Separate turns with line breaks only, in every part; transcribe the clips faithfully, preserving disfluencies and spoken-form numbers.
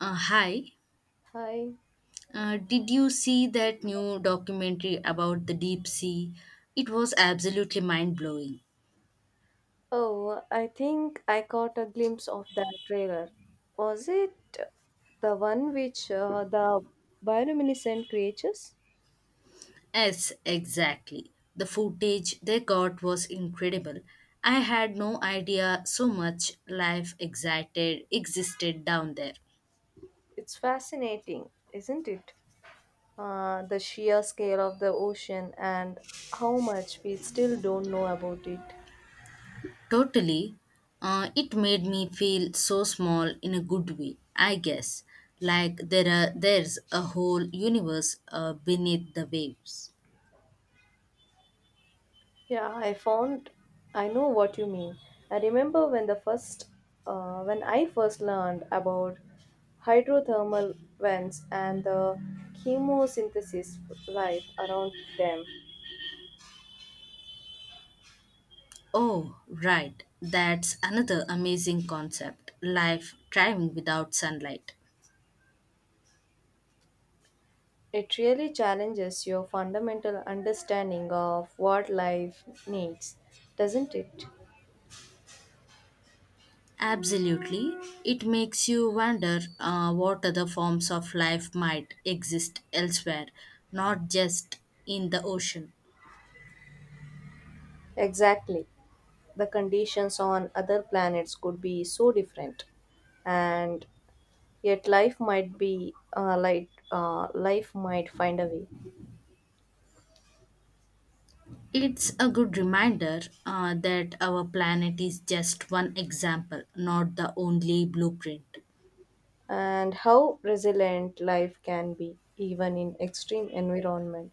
Uh, hi,
Hi.
uh, did you see that new documentary about the deep sea? It was absolutely mind blowing.
Oh, I think I caught a glimpse of that trailer. Was it the one which uh, the bioluminescent creatures?
Yes, exactly. The footage they got was incredible. I had no idea so much life excited existed down there.
It's fascinating, isn't it? Uh, the sheer scale of the ocean and how much we still don't know about it.
Totally, uh, it made me feel so small in a good way. I guess, like there are there's a whole universe uh, beneath the waves.
Yeah, I found I know what you mean. I remember when the first uh, when I first learned about hydrothermal vents and the chemosynthesis life around them.
Oh, right. That's another amazing concept life thriving without sunlight.
It really challenges your fundamental understanding of what life needs, doesn't it?
Absolutely. It makes you wonder uh, what other forms of life might exist elsewhere, not just in the ocean.
Exactly. The conditions on other planets could be so different, and yet life might be uh, light. Uh, life might find a way,
It's a good reminder uh, that our planet is just one example, not the only blueprint.
and how resilient life can be, even in extreme environment.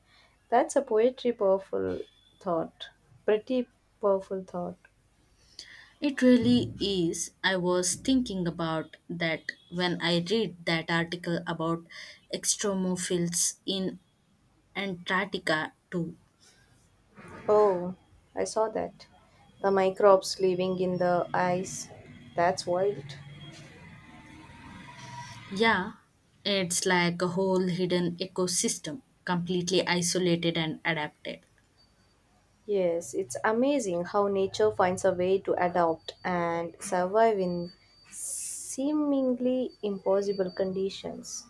That's a poetry powerful thought. Pretty powerful thought.
It really is. I was thinking about that when I read that article about extremophils in Antarctica too.
Oh, I saw that. The microbes living in the ice. That's wild.
Yeah, it's like a whole hidden ecosystem, completely isolated and adapted.
Yes, it's amazing how nature finds a way to adapt and survive in seemingly impossible conditions.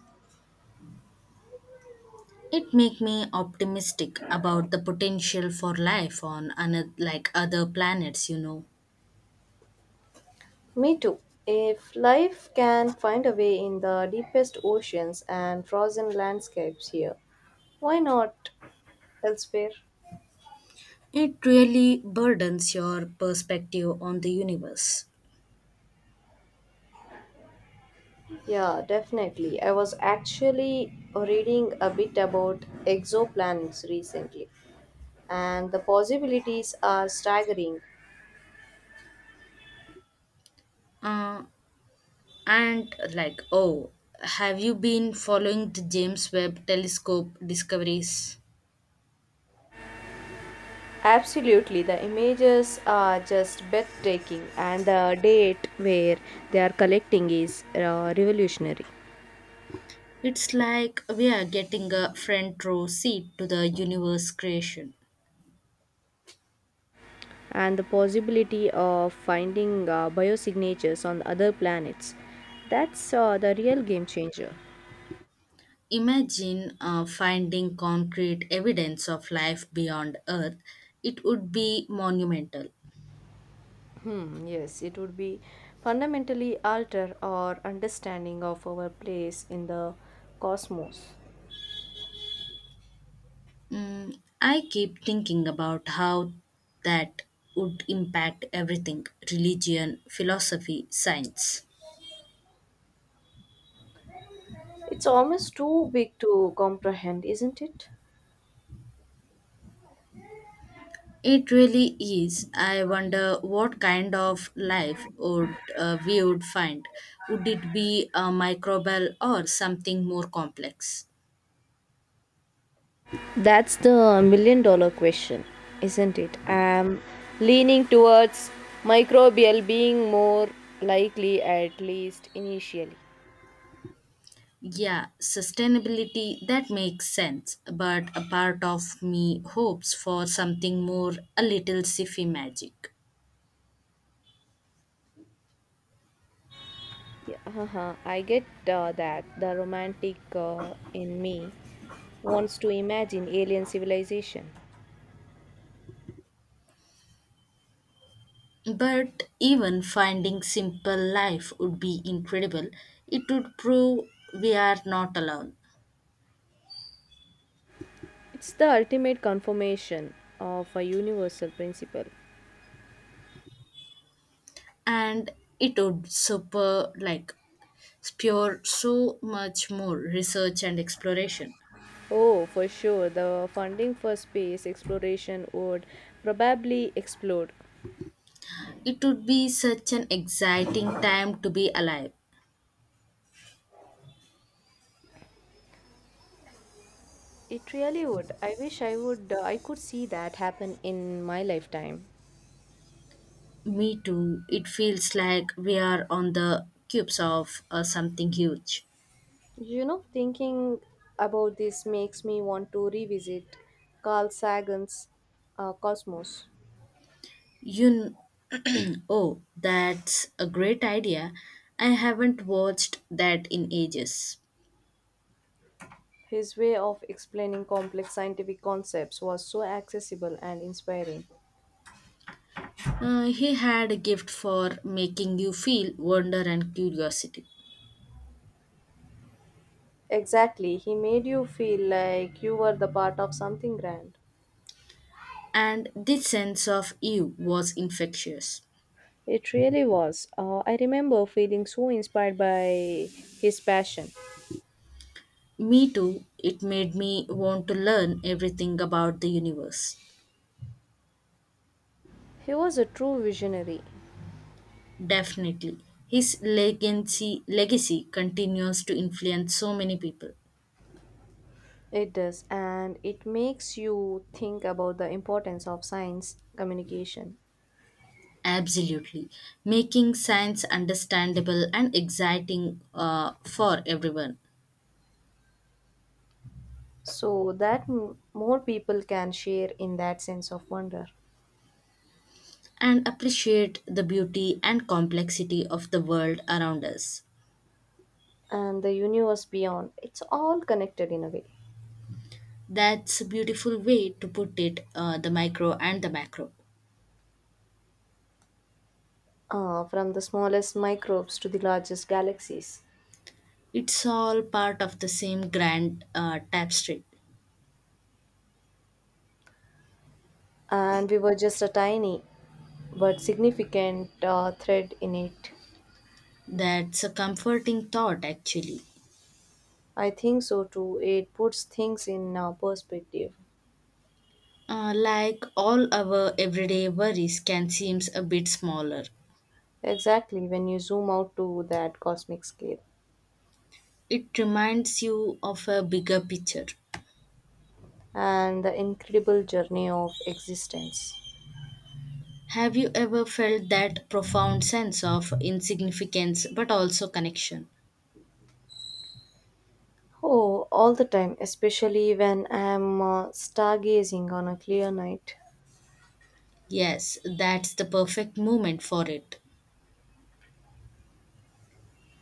It make me optimistic about the potential for life on another, like other planets, you know.
Me too. If life can find a way in the deepest oceans and frozen landscapes here, why not elsewhere?
It really burdens your perspective on the universe.
Yeah, definitely. I was actually reading a bit about exoplanets recently, and the possibilities are staggering.
Uh, And like, oh, have you been following the James Webb Telescope discoveries?
Absolutely, the images are just breathtaking, and the date where they are collecting is uh, revolutionary.
It's like we are getting a front row seat to the universe creation.
And the possibility of finding uh, biosignatures on other planets. That's uh, the real game changer.
Imagine uh, finding concrete evidence of life beyond Earth. It would be monumental.
Hmm, yes, it would be fundamentally alter our understanding of our place in the cosmos.
Mm, I keep thinking about how that would impact everything religion, philosophy, science.
It's almost too big to comprehend, isn't it?
It really is. I wonder what kind of life would uh, we would find. Would it be a microbial or something more complex?
That's the million dollar question, isn't it? I'm leaning towards microbial being more likely, at least initially.
Yeah, sustainability that makes sense, but a part of me hopes for something more a little sci-fi magic.
Yeah, uh-huh. I get uh, that the romantic uh, in me wants to imagine alien civilization.
But even finding simple life would be incredible. It would prove we are not alone.
It's the ultimate confirmation of a universal principle.
And it would super like spur so much more research and exploration.
Oh, for sure, the funding for space exploration would probably explode.
It would be such an exciting time to be alive.
It really would. I wish I would uh, I could see that happen in my lifetime.
Me too. It feels like we are on the cubes of uh, something huge.
You know, thinking about this makes me want to revisit Carl Sagan's uh, Cosmos.
You, kn- oh, that's a great idea. I haven't watched that in ages.
His way of explaining complex scientific concepts was so accessible and inspiring.
Uh, he had a gift for making you feel wonder and curiosity,
Exactly, he made you feel like you were the part of something grand.
and this sense of you was infectious.
It really was. Uh, I remember feeling so inspired by his passion.
Me too. It made me want to learn everything about the universe.
He was a true visionary.
Definitely. His legacy, legacy continues to influence so many people.
It does, and it makes you think about the importance of science communication
Absolutely. Making science understandable and exciting uh, for everyone.
so that m- more people can share in that sense of wonder
And appreciate the beauty and complexity of the world around us.
and the universe beyond. It's all connected in a way.
That's a beautiful way to put it uh, the micro and the macro.
Uh, from the smallest microbes to the largest galaxies.
It's all part of the same grand uh, tapestry.
And we were just a tiny but significant uh, thread in it.
That's a comforting thought, actually.
I think so too. It puts things in uh, perspective.
Uh, like all our everyday worries can seem a bit smaller.
Exactly when you zoom out to that cosmic scale
It reminds you of a bigger picture.
and the incredible journey of existence.
Have you ever felt that profound sense of insignificance but also connection?
Oh, all the time, especially when I'm uh, stargazing on a clear night.
Yes, that's the perfect moment for it.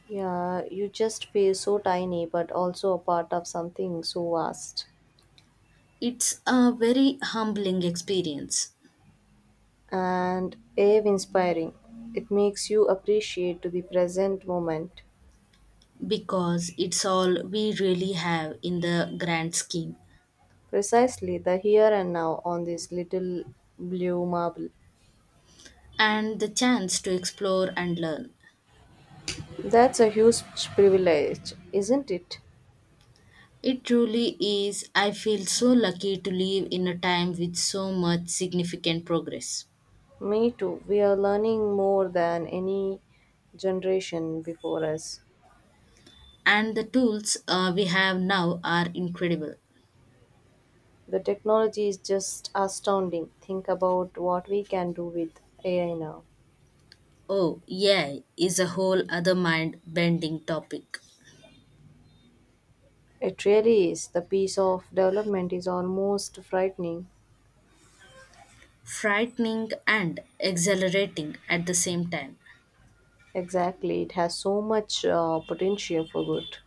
Yeah, you just feel so tiny but also a part of something so vast.
It's a very humbling experience
And awe inspiring. It makes you appreciate to the present moment,
because it's all we really have in the grand scheme
precisely the here and now on this little blue marble.
and the chance to explore and learn.
That's a huge privilege, isn't it?
It truly is. I feel so lucky to live in a time with so much significant progress.
Me too. We are learning more than any generation before us.
And the tools uh, we have now are incredible.
The technology is just astounding. Think about what we can do with A I now.
Oh, yeah, is a whole other mind bending topic.
It really is. The pace of development is almost frightening.
Frightening and exhilarating at the same time,
Exactly, it has so much uh, potential for good.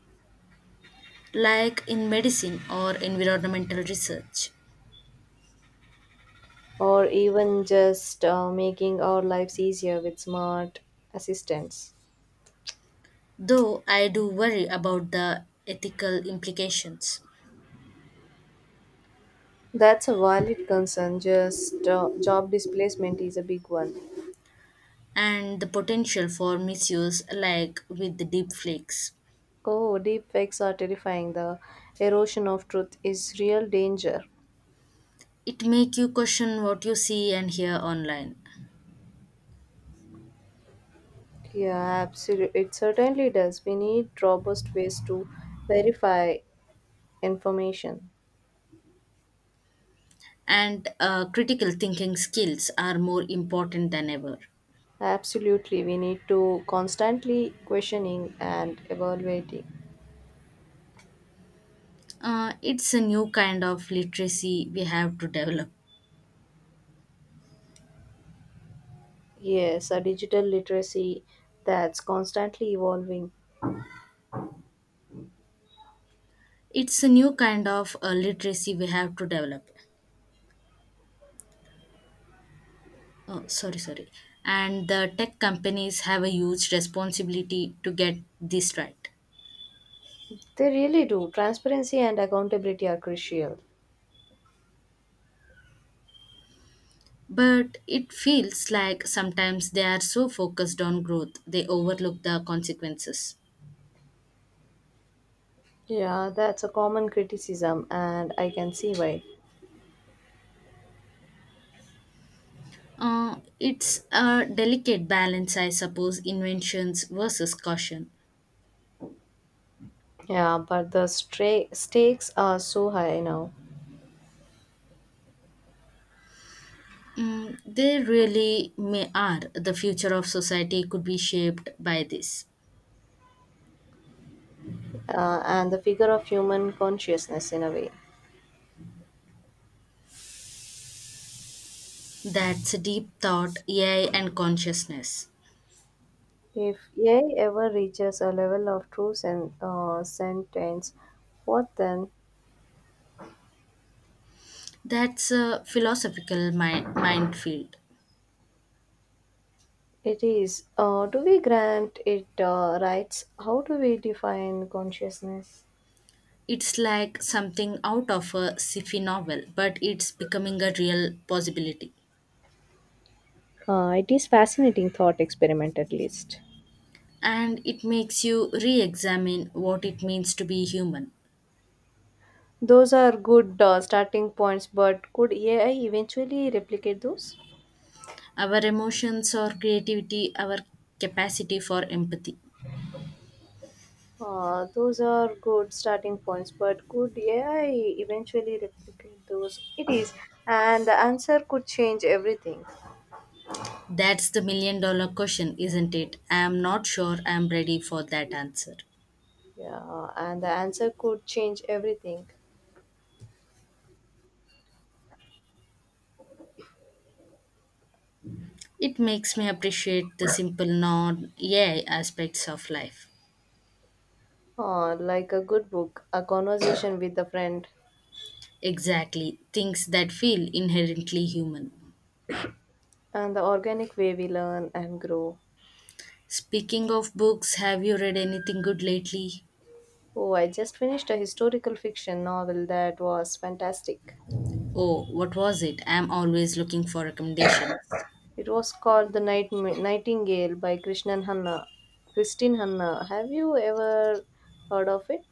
like in medicine or environmental research.
Or even just uh, making our lives easier with smart assistants.
Though I do worry about the ethical implications
That's a valid concern, just uh, job displacement is a big one.
and the potential for misuse, like with the deep flakes.
Oh, deep fakes are terrifying. The erosion of truth is real danger.
It make you question what you see and hear online,
Yeah, absolutely. It certainly does. We need robust ways to verify information.
and uh, critical thinking skills are more important than ever.
Absolutely. We need to constantly questioning and evaluating.
Uh, it's a new kind of literacy we have to develop.
Yes, a digital literacy that's constantly evolving.
It's a new kind of uh, literacy we have to develop. Oh sorry sorry and the tech companies have a huge responsibility to get this right,
They really do. Transparency and accountability are crucial.
but it feels like sometimes they are so focused on growth they overlook the consequences.
Yeah, that's a common criticism, and I can see why.
Uh, it's a delicate balance, I suppose, inventions versus caution.
Yeah, but the stra- stakes are so high now,
Mm, they really may are. The future of society could be shaped by this.
uh, and the figure of human consciousness in a way.
That's a deep thought, A I, and consciousness.
If A I ever reaches a level of true sen- uh, sentence, what then?
That's a philosophical mind, mind field.
It is. Uh, do we grant it uh, rights? How do we define consciousness?
It's like something out of a sci-fi novel, but it's becoming a real possibility.
Uh, it is fascinating thought experiment at least.
And it makes you re-examine what it means to be human.
Those are good uh, starting points, but could A I eventually replicate those?
Our emotions, our creativity, our capacity for empathy?
Uh, those are good starting points, but could A I eventually replicate those? It is, and the answer could change everything.
That's the million dollar question, isn't it? I am not sure I am ready for that answer.
Yeah, and the answer could change everything.
It makes me appreciate the simple non A I aspects of life.
Uh, like a good book, a conversation with a friend,
Exactly, things that feel inherently human.
and the organic way we learn and grow.
Speaking of books, have you read anything good lately?
Oh, I just finished a historical fiction novel that was fantastic.
Oh, what was it? I am always looking for recommendations.
It was called The Night- Nightingale by Krishnan Hanna. Christine Hanna. Have you ever heard of it?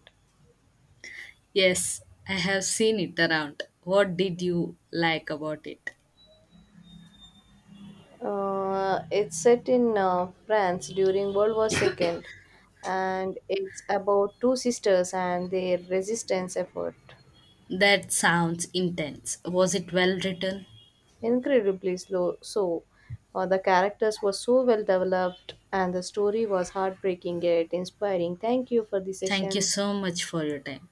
Yes, I have seen it around. What did you like about it?
Uh, it's set in uh, France during World War two and it's about two sisters and their resistance effort.
That sounds intense. Was it well written?
Incredibly slow, so uh, the characters were so well developed and the story was heartbreaking yet inspiring. Thank you for the
Thank you
session.
so much for your time.